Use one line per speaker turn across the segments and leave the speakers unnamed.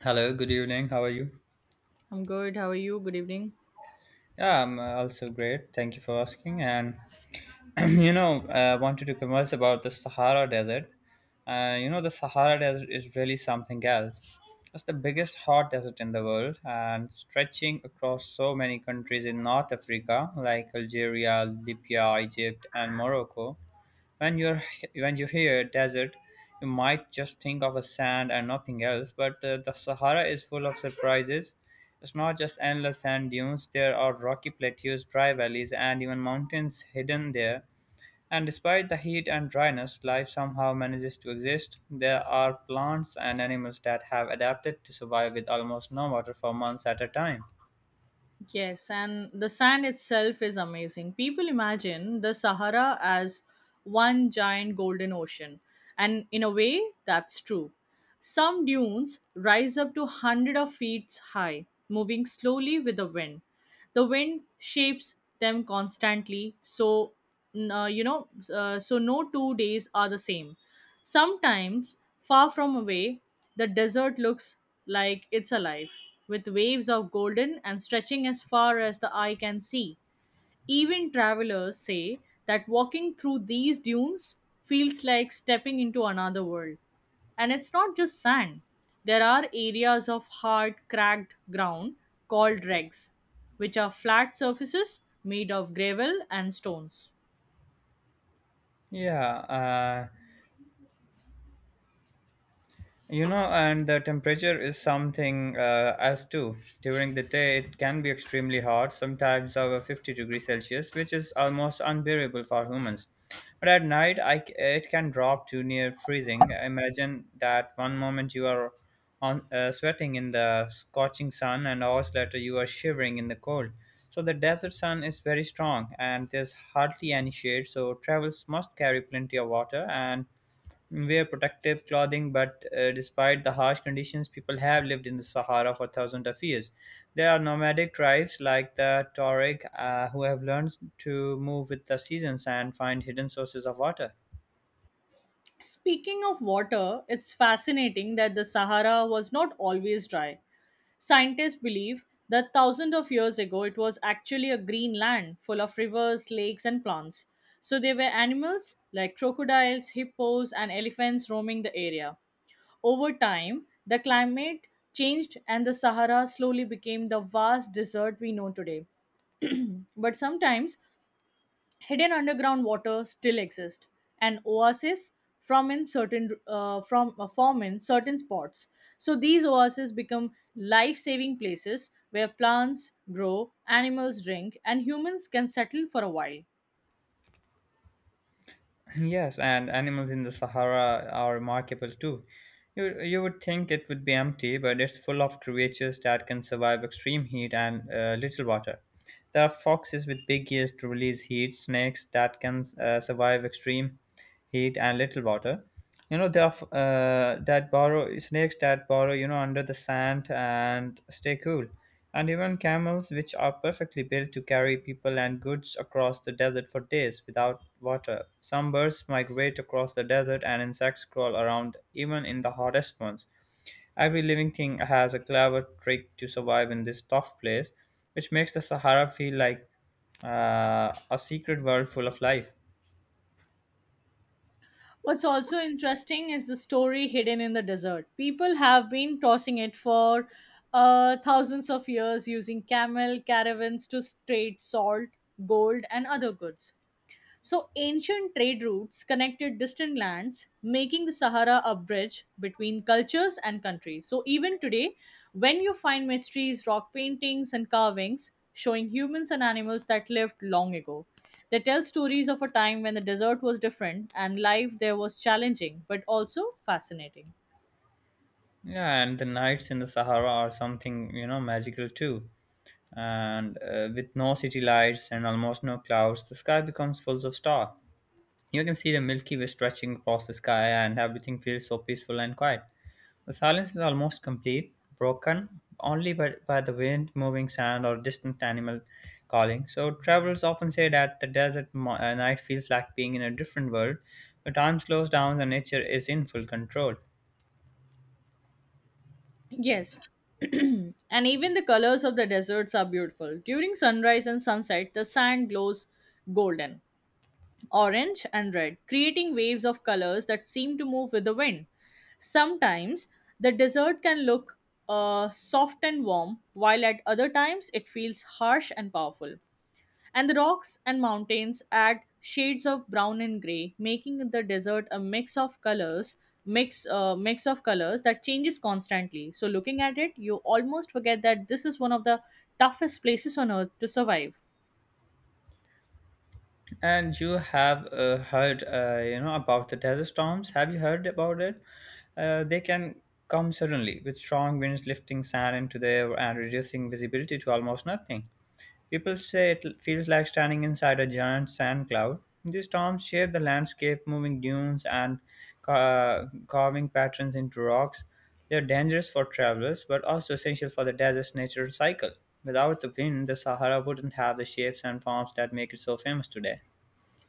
Hello, good evening. How are you?
I'm good. How are you? Good evening.
Yeah, I'm also great. Thank you for asking. And I wanted to converse about the Sahara Desert. The Sahara Desert is really something else. It's the biggest hot desert in the world and stretching across so many countries in North Africa, like Algeria, Libya, Egypt, and Morocco. When you're when you hear desert, you might just think of a sand and nothing else. But the Sahara is full of surprises. It's not just endless sand dunes. There are rocky plateaus, dry valleys, and even mountains hidden there. And despite the heat and dryness, life somehow manages to exist. There are plants and animals that have adapted to survive with almost no water for months at a time.
Yes, and the sand itself is amazing. People imagine the Sahara as one giant golden ocean, and in a way, that's true. Some dunes rise up to hundreds of feet high, moving slowly with the wind. The wind shapes them constantly, so so no 2 days are the same. Sometimes, far from away, the desert looks like it's alive, with waves of golden and stretching as far as the eye can see. Even travelers say that walking through these dunes feels like stepping into another world. And it's not just sand, there are areas of hard, cracked ground called regs, which are flat surfaces made of gravel and stones.
Yeah, uh, and the temperature is something as too. During the day, it can be extremely hot, sometimes over 50 degrees Celsius, which is almost unbearable for humans. But at night, I c it can drop to near freezing. Imagine that one moment you are on sweating in the scorching sun, and hours later you are shivering in the cold. So the desert sun is very strong, and there's hardly any shade. So travelers must carry plenty of water and wear protective clothing, but despite the harsh conditions, people have lived in the Sahara for thousands of years. There are nomadic tribes like the Tuareg who have learned to move with the seasons and find hidden sources of water.
Speaking of water, it's fascinating that the Sahara was not always dry. Scientists believe that thousands of years ago it was actually a green land full of rivers, lakes, and plants. So there were animals like crocodiles, hippos, and elephants roaming the area. Over time, the climate changed and the Sahara slowly became the vast desert we know today. But sometimes hidden underground water still exist and oases from in certain from form in certain spots, so these oases become life saving places where plants grow, animals drink, and humans can settle for a while.
Yes, and animals in the Sahara are remarkable too. You would think it would be empty, but it's full of creatures that can survive extreme heat and little water. There are foxes with big ears to release heat, snakes that can survive extreme heat and little water. That burrow snakes that burrow you know under the sand and stay cool, and even camels which are perfectly built to carry people and goods across the desert for days without water. Some birds migrate across the desert, and insects crawl around even in the hottest months. Every living thing has a clever trick to survive in this tough place, which makes the Sahara feel like a secret world full of life.
What's also interesting is the story hidden in the desert. People have been tossing it for thousands of years using camel caravans to trade salt, gold, and other goods. So, ancient trade routes connected distant lands, making the Sahara a bridge between cultures and countries. So, even today, when you find mysteries, rock paintings, and carvings showing humans and animals that lived long ago, they tell stories of a time when the desert was different and life there was challenging but also fascinating.
Yeah, and the nights in the Sahara are something magical too. And with no city lights and almost no clouds, the sky becomes full of stars. You can see the Milky Way stretching across the sky, and everything feels so peaceful and quiet. The silence is almost complete, broken only by the wind, moving sand, or distant animal calling. So, travelers often say that the desert night feels like being in a different world, where time slows down and nature is in full control.
Yes, and even the colors of the deserts are beautiful. During sunrise and sunset, the sand glows golden, orange and red, creating waves of colors that seem to move with the wind. Sometimes the desert can look soft and warm, while at other times it feels harsh and powerful. And the rocks and mountains add shades of brown and gray, making the desert a mix of colors, mix of colors that changes constantly. So looking at it, you almost forget that this is one of the toughest places on earth to survive.
And you have heard, about the desert storms. Have you heard about it? They can come suddenly with strong winds lifting sand into the air and reducing visibility to almost nothing. People say feels like standing inside a giant sand cloud. These storms shape the landscape, moving dunes and carving patterns into rocks. They are dangerous for travelers, but also essential for the desert's natural cycle. Without the wind, the Sahara wouldn't have the shapes and forms that make it so famous today.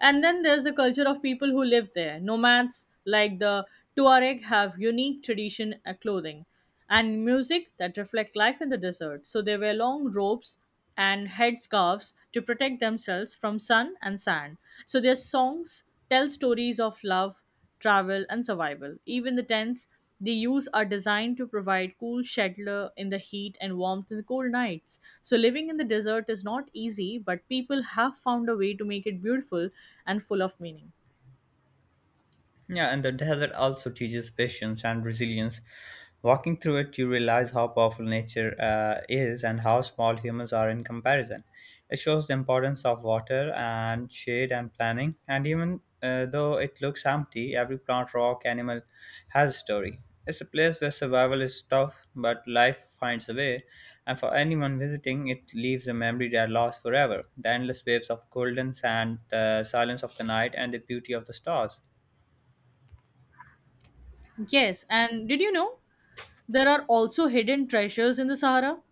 And then there's the culture of people who live there. Nomads like the Tuareg have unique tradition and clothing and music that reflect life in the desert. So they wear long robes and headscarves to protect themselves from sun and sand. So their songs tell stories of love, travel, and survival. Even the tents they use are designed to provide cool shelter in the heat and warmth in the cold nights. So living in the desert is not easy, but people have found a way to make it beautiful and full of meaning.
Yeah, and the desert also teaches patience and resilience. Walking through it, you realize how powerful nature is and how small humans are in comparison. It shows the importance of water and shade and planning, and even though it looks empty, every plant, rock, animal has a story. It's a place where survival is tough, but life finds a way, and for anyone visiting, it leaves a memory that lasts forever. The endless waves of golden sand, the silence of the night, and the beauty of the stars.
Yes, and did you know there are also hidden treasures in the Sahara?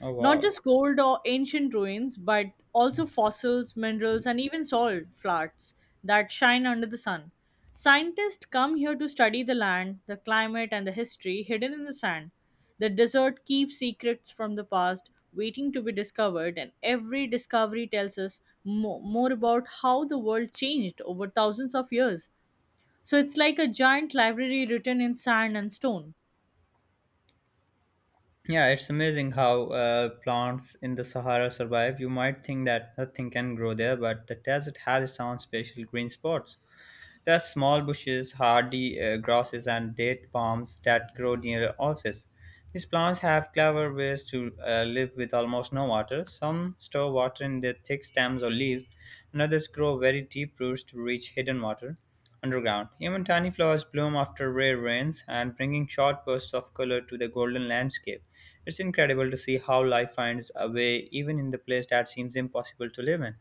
Oh
Not
wow.
just gold or ancient ruins, but also fossils, minerals, and even salt flats that shine under the sun. Scientists come here to study the land, the climate, and the history hidden in the sand. The desert keeps secrets from the past waiting to be discovered, and every discovery tells us more about how the world changed over thousands of years. So it's like a giant library written in sand and stone.
Yeah, it's amazing how plants in the Sahara survive. You might think that nothing can grow there, but the desert has its own special green spots. There are small bushes, hardy grasses, and date palms that grow near oases. These plants have clever ways to live with almost no water. Some store water in their thick stems or leaves, and others grow very deep roots to reach hidden water. Underground, even tiny flowers bloom after rare rains and bringing short bursts of color to the golden landscape. It's incredible to see how life finds a way even in the place that seems impossible to live in.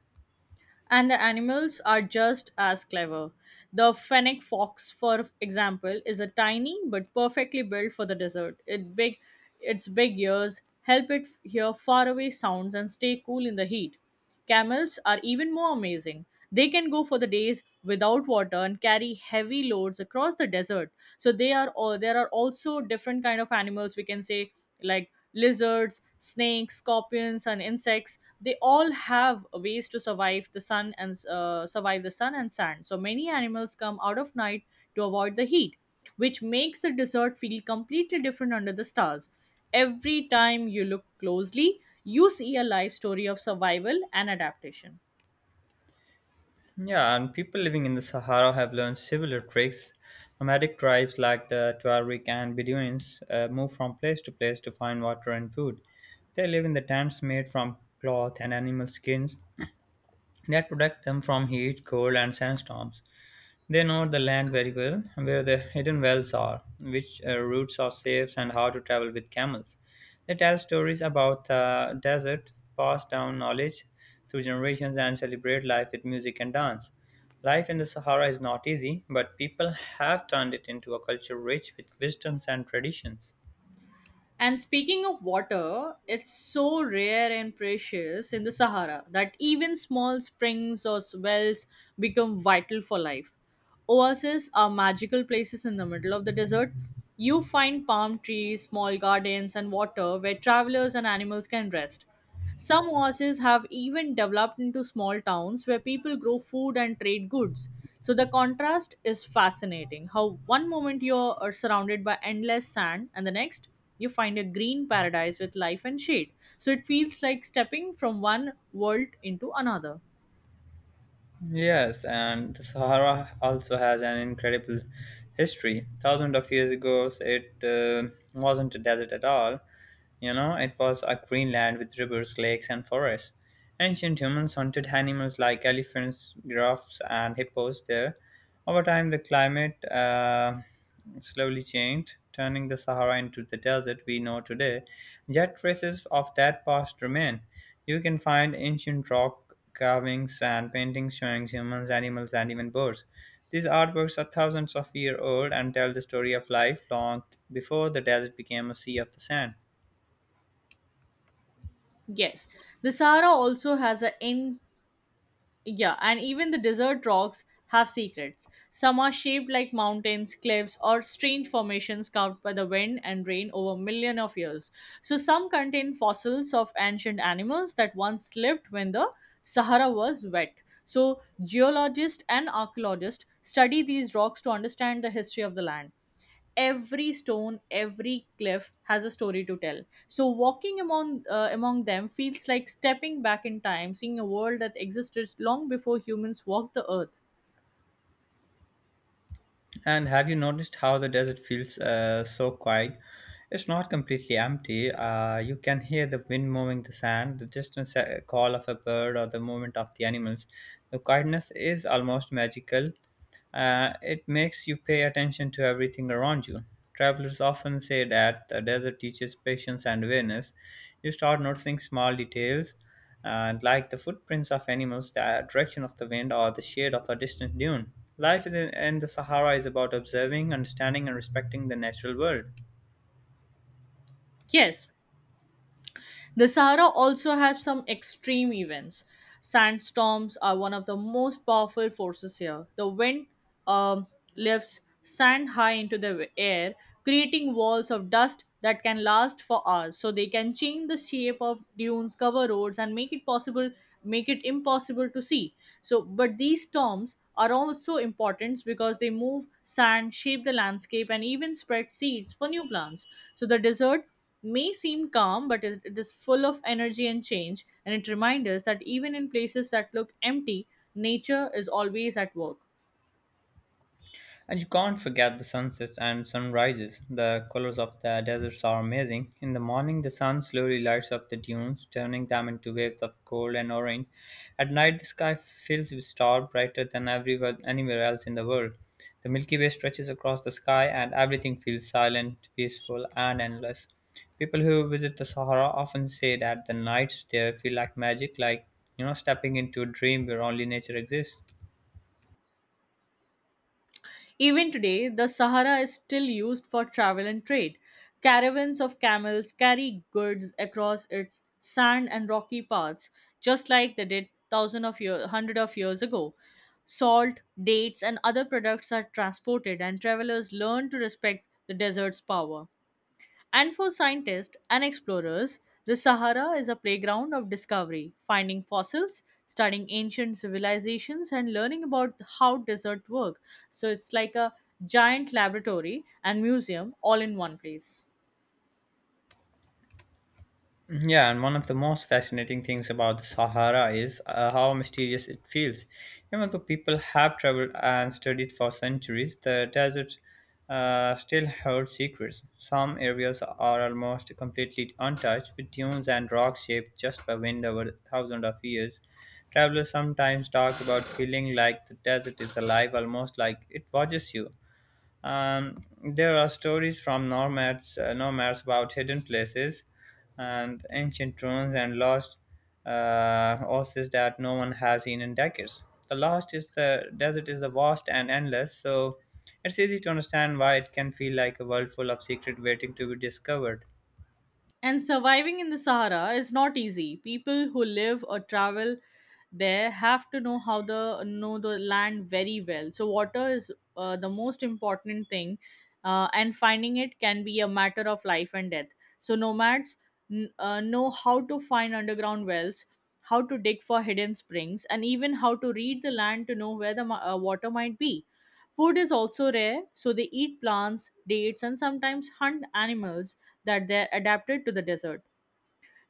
And the animals are just as clever. The fennec fox, for example, is a tiny but perfectly built for the desert. Its big ears help it hear faraway sounds and stay cool in the heat. Camels are even more amazing. They can go for the days without water and carry heavy loads across the desert. So they are all there are also different kind of animals we can say like lizards, snakes, scorpions, and insects. They all have ways to survive the sun and sand. So many animals come out of night to avoid the heat, which makes the desert feel completely different under the stars. Every time you look closely, you see a life story of survival and adaptation.
Yeah, and people living in the Sahara have learned similar tricks. Nomadic tribes like the Tuareg and Bedouins move from place to place to find water and food. They live in the tents made from cloth and animal skins, that protect them from heat, cold, and sandstorms. They know the land very well, where the hidden wells are, which routes are safe, and how to travel with camels. They tell stories about the desert, pass down knowledge through generations, and celebrate life with music and dance. Life in the Sahara is not easy, but people have turned it into a culture rich with wisdoms and traditions.
And speaking of water, it's so rare and precious in the Sahara that even small springs or wells become vital for life. Oases are magical places in the middle of the desert. You find palm trees, small gardens, and water where travelers and animals can rest. Some oases have even developed into small towns where people grow food and trade goods. So the contrast is fascinating. How one moment you are surrounded by endless sand, and the next you find a green paradise with life and shade. So it feels like stepping from one world into another.
Yes, and the Sahara also has an incredible history. Thousands of years ago, it wasn't a desert at all. You know, it was a green land with rivers, lakes, and forests. Ancient humans hunted animals like elephants, giraffes, and hippos there. Over time, the climate slowly changed, turning the Sahara into the desert we know today. Yet traces of that past remain. You can find ancient rock carvings and paintings showing humans, animals, and even birds. These artworks are thousands of years old and tell the story of life long before the desert became a sea of the sand.
Yes, the Sahara also has an Yeah, and even the desert rocks have secrets. Some are shaped like mountains, cliffs, or strange formations carved by the wind and rain over millions of years. So some contain fossils of ancient animals that once lived when the Sahara was wet. So geologists and archaeologists study these rocks to understand the history of the land. Every stone, every cliff has a story to tell, so walking among among them feels like stepping back in time, seeing a world that existed long before humans walked the earth.
And have you noticed how the desert feels so quiet? It's not completely empty. You can hear the wind moving the sand, the distant call of a bird, or the movement of the animals. The quietness is almost magical. It makes you pay attention to everything around you. Travelers often say that the desert teaches patience and awareness. You start noticing small details and like the footprints of animals, the direction of the wind, or the shade of a distant dune. Life in the Sahara is about observing, understanding, and respecting the natural world.
Yes. The Sahara also has some extreme events. Sandstorms are one of the most powerful forces here. The wind um, lifts sand high into the air, creating walls of dust that can last for hours. So they can change the shape of dunes, cover roads, and make it impossible to see. So, but these storms are also important because they move sand, shape the landscape, and even spread seeds for new plants. So the desert may seem calm, but it is full of energy and change, and it reminds us that even in places that look empty, nature is always at work.
And you can't forget the sunsets and sunrises. The colors of the deserts are amazing. In the morning, the sun slowly lights up the dunes, turning them into waves of gold and orange. At night, the sky fills with stars brighter than anywhere else in the world. The Milky Way stretches across the sky, and everything feels silent, peaceful, and endless. People who visit the Sahara often say that the nights there feel like magic, like stepping into a dream where only nature exists.
Even today, the Sahara is still used for travel and trade. Caravans of camels carry goods across its sand and rocky paths, just like they did hundred of years ago. Salt, dates, and other products are transported, and travelers learn to respect the desert's power. And for scientists and explorers, the Sahara is a playground of discovery, finding fossils, studying ancient civilizations, and learning about how desert work. So it's like a giant laboratory and museum all in one place.
Yeah, and one of the most fascinating things about the Sahara is how mysterious it feels. Even though people have traveled and studied for centuries, the desert still holds secrets. Some areas are almost completely untouched, with dunes and rocks shaped just by wind over thousands of years. Travelers sometimes talk about feeling like the desert is alive, almost like it watches you. Um, there are stories from nomads about hidden places and ancient ruins and lost oases that no one has seen in decades. The lost is the desert is the vast and endless, so it's easy to understand why it can feel like a world full of secret waiting to be discovered.
And surviving in the Sahara is not easy. People who live or travel there have to know the land very well. So water is the most important thing, and finding it can be a matter of life and death. So nomads know how to find underground wells, how to dig for hidden springs, and even how to read the land to know where the water might be. Food is also rare, so they eat plants, dates, and sometimes hunt animals that they adapted to the desert.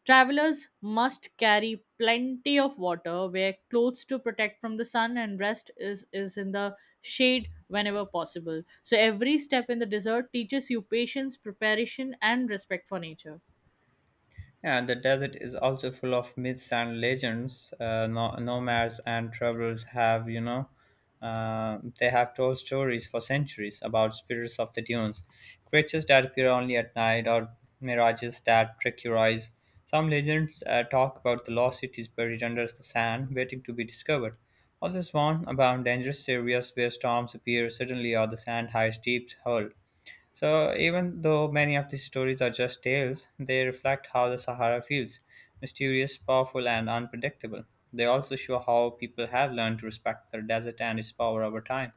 Travelers must carry plenty of water, wear clothes to protect from the sun, and is in the shade whenever possible. So, every step in the desert teaches you patience, preparation, and respect for nature.
Yeah, the desert is also full of myths and legends. Nomads and travelers have, they have told stories for centuries about spirits of the dunes, creatures that appear only at night, or mirages that trick your eyes. Some legends talk about the lost cities buried under the sand, waiting to be discovered. Others warn about dangerous areas where storms appear suddenly or the sand hides deep hole. So, even though many of these stories are just tales, they reflect how the Sahara feels mysterious, powerful, and unpredictable. They also show how people have learned to respect the desert and its power over time.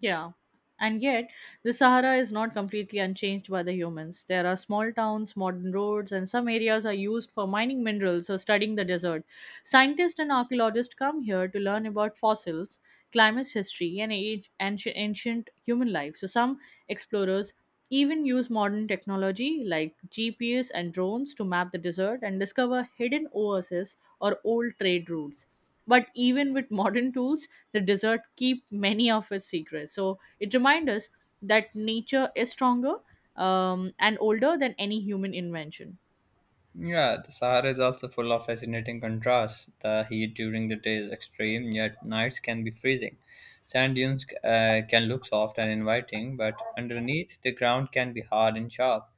Yeah. And yet, the Sahara is not completely unchanged by the humans. There are small towns, modern roads, and some areas are used for mining minerals or studying the desert. Scientists and archaeologists come here to learn about fossils, climate history, and ancient human life. So, some explorers even use modern technology like GPS and drones to map the desert and discover hidden oases or old trade routes. But even with modern tools, the desert keep many of its secrets. So it reminds us that nature is stronger and older than any human invention.
Yeah, the Sahara is also full of fascinating contrasts. The heat during the day is extreme, yet nights can be freezing. Sand dunes can look soft and inviting, but underneath the ground can be hard and sharp.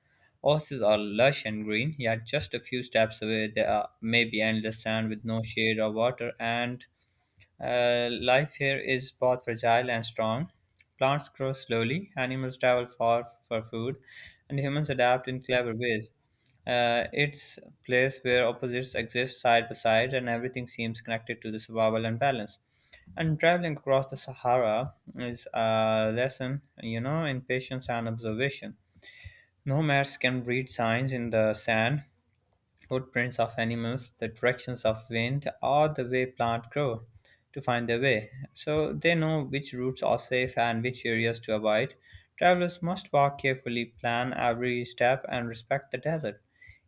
Oases are lush and green, yet just a few steps away there are maybe endless sand with no shade or water, and life here is both fragile and strong. Plants grow slowly, animals travel far for food, and humans adapt in clever ways. It's a place where opposites exist side by side, and everything seems connected to the survival and balance. And traveling across the Sahara is a lesson, in patience and observation. Nomads can read signs in the sand, footprints of animals, the directions of wind, or the way plants grow to find their way. So they know which routes are safe and which areas to avoid. Travelers must walk carefully, plan every step, and respect the desert.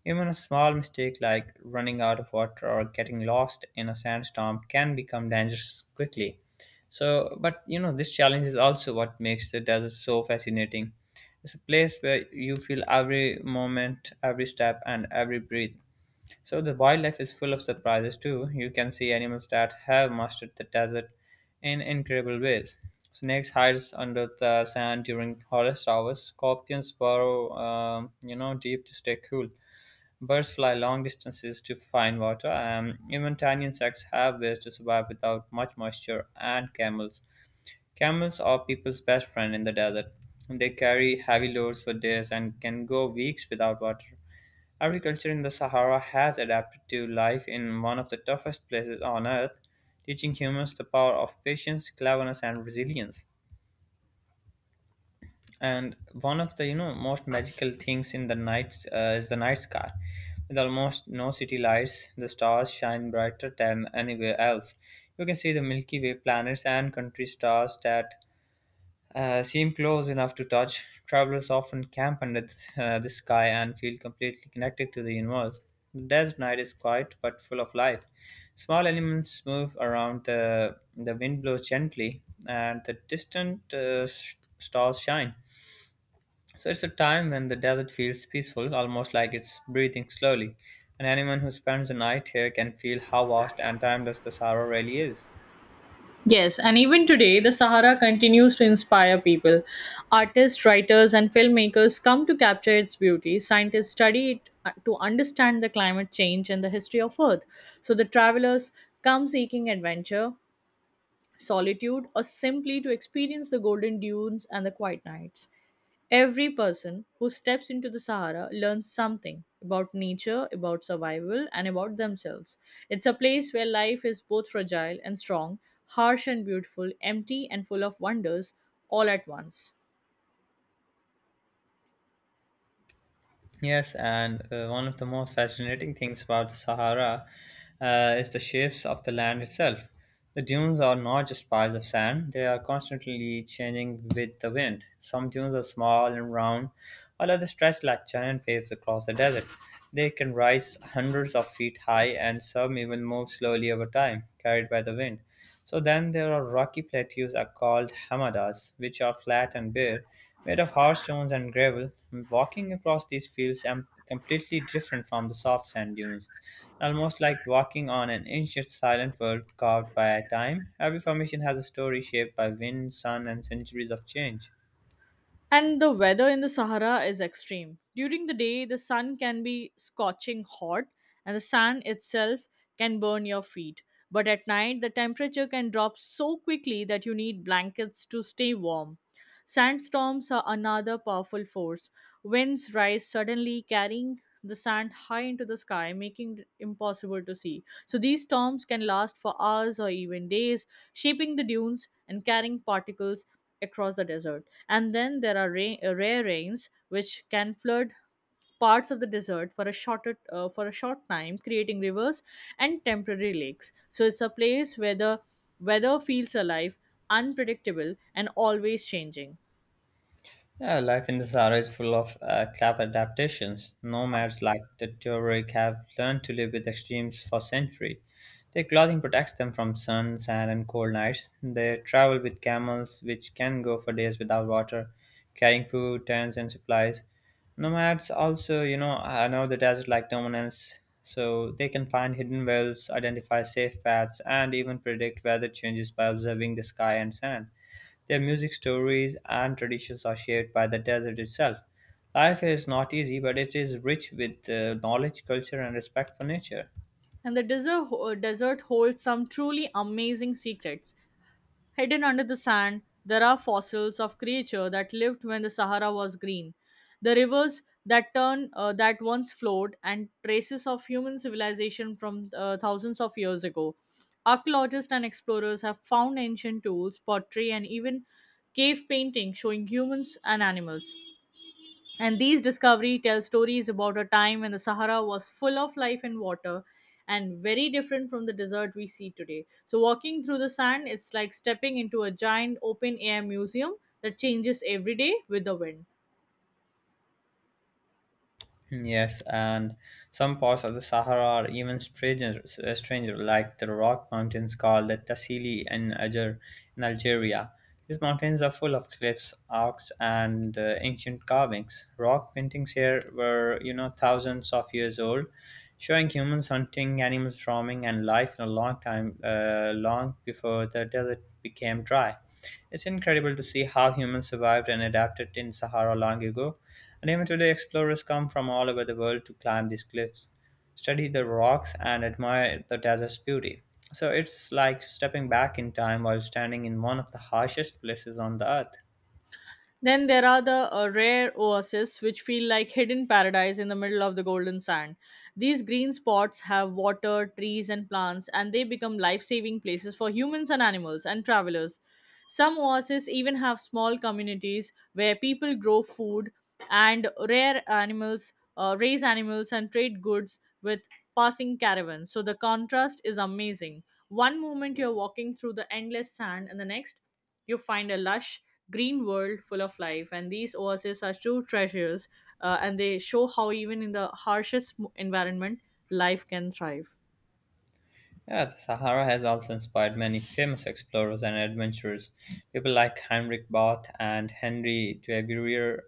Even a small mistake like running out of water or getting lost in a sandstorm can become dangerous quickly. So, but this challenge is also what makes the desert so fascinating. It's a place where you feel every moment, every step, and every breath. So the wildlife is full of surprises too. You can see animals that have mastered the desert in incredible ways. Snakes hide under the sand during hottest hours. Scorpions burrow, deep to stay cool. Birds fly long distances to find water. Even tiny insects have ways to survive without much moisture. And camels are people's best friend in the desert. They carry heavy loads for days and can go weeks without water. Agriculture in the Sahara has adapted to life in one of the toughest places on earth, teaching humans the power of patience, cleverness, and resilience. And one of the most magical things in the night is the night sky. With almost no city lights, the stars shine brighter than anywhere else. You can see the Milky Way planets and country stars that seem close enough to touch. Travelers often camp under the sky and feel completely connected to the universe. The desert night is quiet but full of life. Small elements move around, the wind blows gently, and the distant stars shine. So it's a time when the desert feels peaceful, almost like it's breathing slowly. And anyone who spends the night here can feel how vast and timeless the Sahara really is.
Yes, and even today, the Sahara continues to inspire people. Artists, writers, and filmmakers come to capture its beauty. Scientists study it to understand the climate change and the history of Earth. So the travelers come seeking adventure, solitude, or simply to experience the golden dunes and the quiet nights. Every person who steps into the Sahara learns something about nature, about survival, and about themselves. It's a place where life is both fragile and strong, harsh and beautiful, empty and full of wonders all at once.
Yes, and one of the most fascinating things about the Sahara is the shapes of the land itself. The dunes are not just piles of sand, they are constantly changing with the wind. Some dunes are small and round, while others stretch like giant waves across the desert. They can rise hundreds of feet high, and some even move slowly over time, carried by the wind. So then there are rocky plateaus are called hamadas, which are flat and bare, made of hard stones and gravel. Walking across these fields am completely different from the soft sand dunes, almost like walking on an ancient silent world carved by time. Every formation has a story shaped by wind, sun, and centuries of change.
And the weather in the Sahara is extreme. During the day, the sun can be scorching hot, and the sand itself can burn your feet. But at night, the temperature can drop so quickly that you need blankets to stay warm. Sandstorms are another powerful force. Winds rise suddenly, carrying the sand high into the sky, making it impossible to see. So these storms can last for hours or even days, shaping the dunes and carrying particles across the desert. And then there are rare rains, which can flood parts of the desert for a shorter for a short time, creating rivers and temporary lakes. So it's a place where the weather feels alive, unpredictable, and always changing.
Yeah, life in the Sahara is full of clever adaptations. Nomads like the Tuareg have learned to live with extremes for centuries. Their clothing protects them from sun, sand, and cold nights. They travel with camels, which can go for days without water, carrying food, tents, and supplies. Nomads also, know the desert like no one else, so they can find hidden wells, identify safe paths, and even predict weather changes by observing the sky and sand. Their music, stories, and traditions are shaped by the desert itself. Life is not easy, but it is rich with knowledge, culture, and respect for nature.
And the desert holds some truly amazing secrets. Hidden under the sand, there are fossils of creatures that lived when the Sahara was green. The rivers that once flowed, and traces of human civilization from thousands of years ago. Archaeologists and explorers have found ancient tools, pottery, and even cave paintings showing humans and animals. And these discovery tell stories about a time when the Sahara was full of life and water and very different from the desert we see today. So walking through the sand, it's like stepping into a giant open air museum that changes every day with the wind.
Yes, and some parts of the Sahara are even stranger like the rock mountains called the Tassili in, Alger, in Algeria. These mountains are full of cliffs, arcs, and ancient carvings. Rock paintings here were, thousands of years old, showing humans hunting, animals roaming, and life in a long time, long before the desert became dry. It's incredible to see how humans survived and adapted in Sahara long ago, and even today explorers come from all over the world to climb these cliffs, study the rocks, and admire the desert's beauty. So it's like stepping back in time while standing in one of the harshest places on the earth.
Then there are the rare oases, which feel like hidden paradise in the middle of the golden sand. These green spots have water, trees, and plants, and they become life saving places for humans and animals and travelers. Some oases even have small communities where people grow food and raise animals, and trade goods with passing caravans. So the contrast is amazing. One moment you're walking through the endless sand, and the next you find a lush green world full of life, and these oases are true treasures. And they show how even in the harshest environment, life can thrive.
Yeah, the Sahara has also inspired many famous explorers and adventurers. People like Heinrich Barth and Henry Duvivier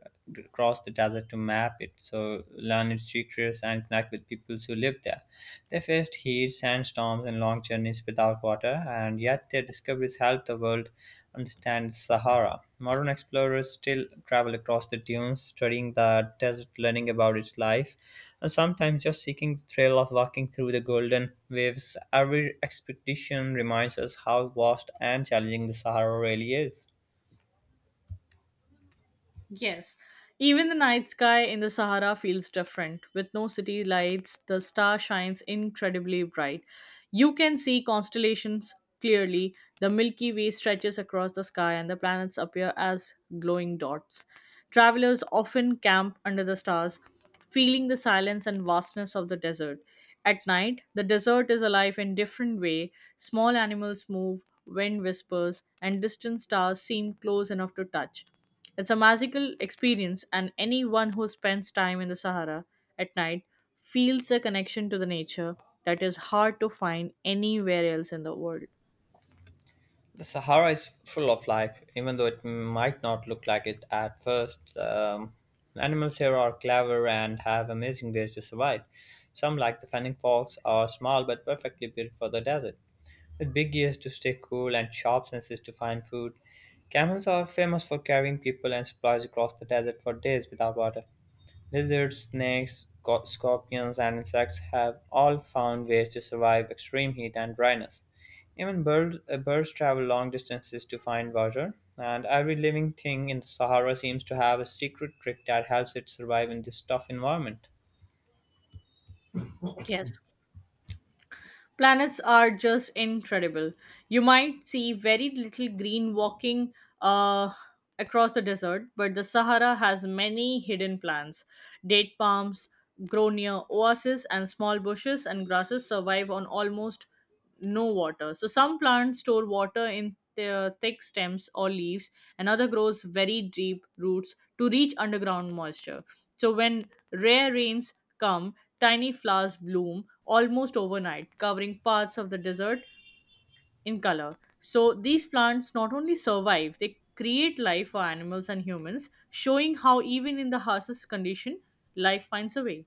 crossed the desert to map it, so learn its secrets and connect with peoples who lived there. They faced heat, sandstorms, and long journeys without water, and yet their discoveries helped the world understand the Sahara. Modern explorers still travel across the dunes, studying the desert, learning about its life, Sometimes just seeking the thrill of walking through the golden waves. Every expedition reminds us how vast and challenging the Sahara really is.
Yes, even the night sky in the Sahara feels different. With no city lights, the star shines incredibly bright. You can see constellations clearly. The Milky Way stretches across the sky and the planets appear as glowing dots. Travelers often camp under the stars, feeling the silence and vastness of the desert. At night, the desert is alive in different way. Small animals move, wind whispers, and distant stars seem close enough to touch. It's a magical experience, and anyone who spends time in the Sahara at night feels a connection to the nature that is hard to find anywhere else in the world.
The Sahara is full of life, even though it might not look like it at first. Animals here are clever and have amazing ways to survive. Some, like the flying fox, are small but perfectly built for the desert, with big ears to stay cool and sharp senses to find food. Camels are famous for carrying people and supplies across the desert for days without water. Lizards, snakes, scorpions, and insects have all found ways to survive extreme heat and dryness. Even birds travel long distances to find water, and every living thing in the Sahara seems to have a secret trick that helps it survive in this tough environment.
Yes. Planets are just incredible. You might see very little green walking uh, across the desert, but the Sahara has many hidden plants. Date palms grow near oases, and small bushes and grasses survive on almost no water. So some plants store water in their thick stems or leaves, and other grows very deep roots to reach underground moisture. So when rare rains come, tiny flowers bloom almost overnight, covering parts of the desert in color. So these plants not only survive, they create life for animals and humans, showing how even in the harshest condition, life finds a way.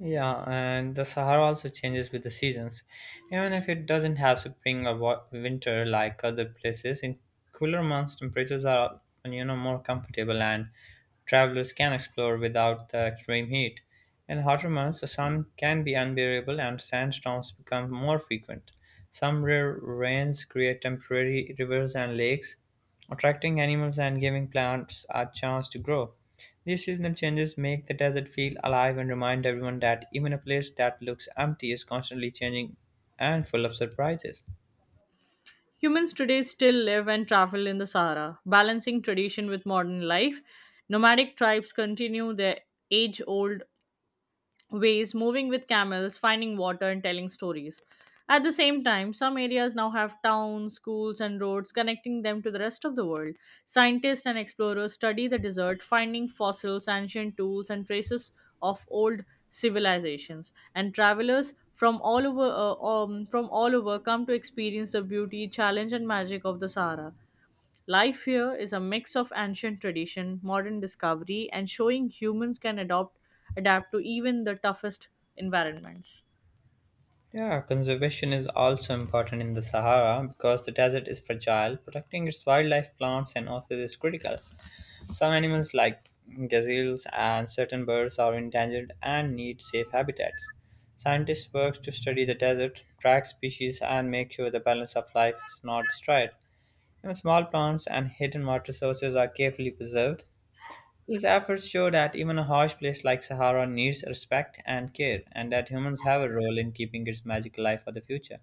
Yeah, and the Sahara also changes with the seasons. Even if it doesn't have spring or winter like other places, in cooler months temperatures are more comfortable and travelers can explore without the extreme heat. In hotter months, the sun can be unbearable and sandstorms become more frequent. Some rare rains create temporary rivers and lakes, attracting animals and giving plants a chance to grow. These seasonal changes make the desert feel alive and remind everyone that even a place that looks empty is constantly changing and full of surprises.
Humans today still live and travel in the Sahara, balancing tradition with modern life. Nomadic tribes continue their age old ways, moving with camels, finding water, and telling stories. At the same time, some areas now have towns, schools, and roads connecting them to the rest of the world. Scientists and explorers study the desert, finding fossils, ancient tools, and traces of old civilizations. And travelers from all over come to experience the beauty, challenge, and magic of the Sahara. Life here is a mix of ancient tradition, modern discovery, and showing humans adapt to even the toughest environments.
Yeah, conservation is also important in the Sahara because the desert is fragile. Protecting its wildlife, plants, and oases is critical. Some animals, like gazelles and certain birds, are endangered and need safe habitats. Scientists work to study the desert, track species, and make sure the balance of life is not destroyed. Even small plants and hidden water sources are carefully preserved. These efforts show that even a harsh place like Sahara needs respect and care, and that humans have a role in keeping its magic alive for the future.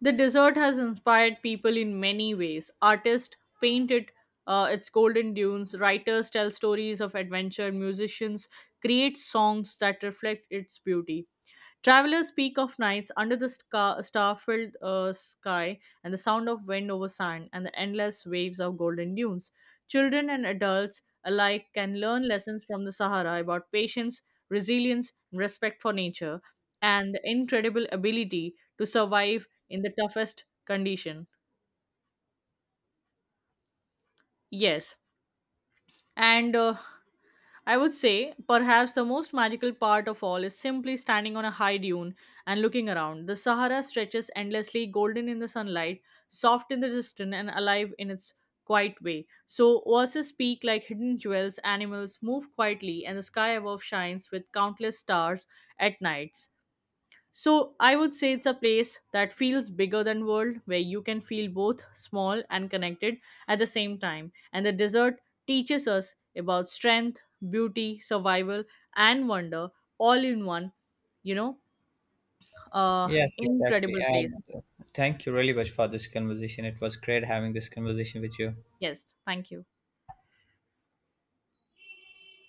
The desert has inspired people in many ways. Artists painted its golden dunes, writers tell stories of adventure, musicians create songs that reflect its beauty. Travelers speak of nights under the star-filled sky and the sound of wind over sand and the endless waves of golden dunes. Children and adults alike can learn lessons from the Sahara about patience, resilience, and respect for nature, and the incredible ability to survive in the toughest condition. Yes, and I would say perhaps the most magical part of all is simply standing on a high dune and looking around. The Sahara stretches endlessly, golden in the sunlight, soft in the distance, and alive in its quiet way. So oases speak like hidden jewels, animals move quietly, and the sky above shines with countless stars at nights. So I would say it's a place that feels bigger than world, where you can feel both small and connected at the same time. And the desert teaches us about strength, beauty, survival, and wonder all in one, you know, uh
Yes, exactly.
incredible place.
And thank you really much for this conversation. It was great having this conversation with you.
Yes, thank you.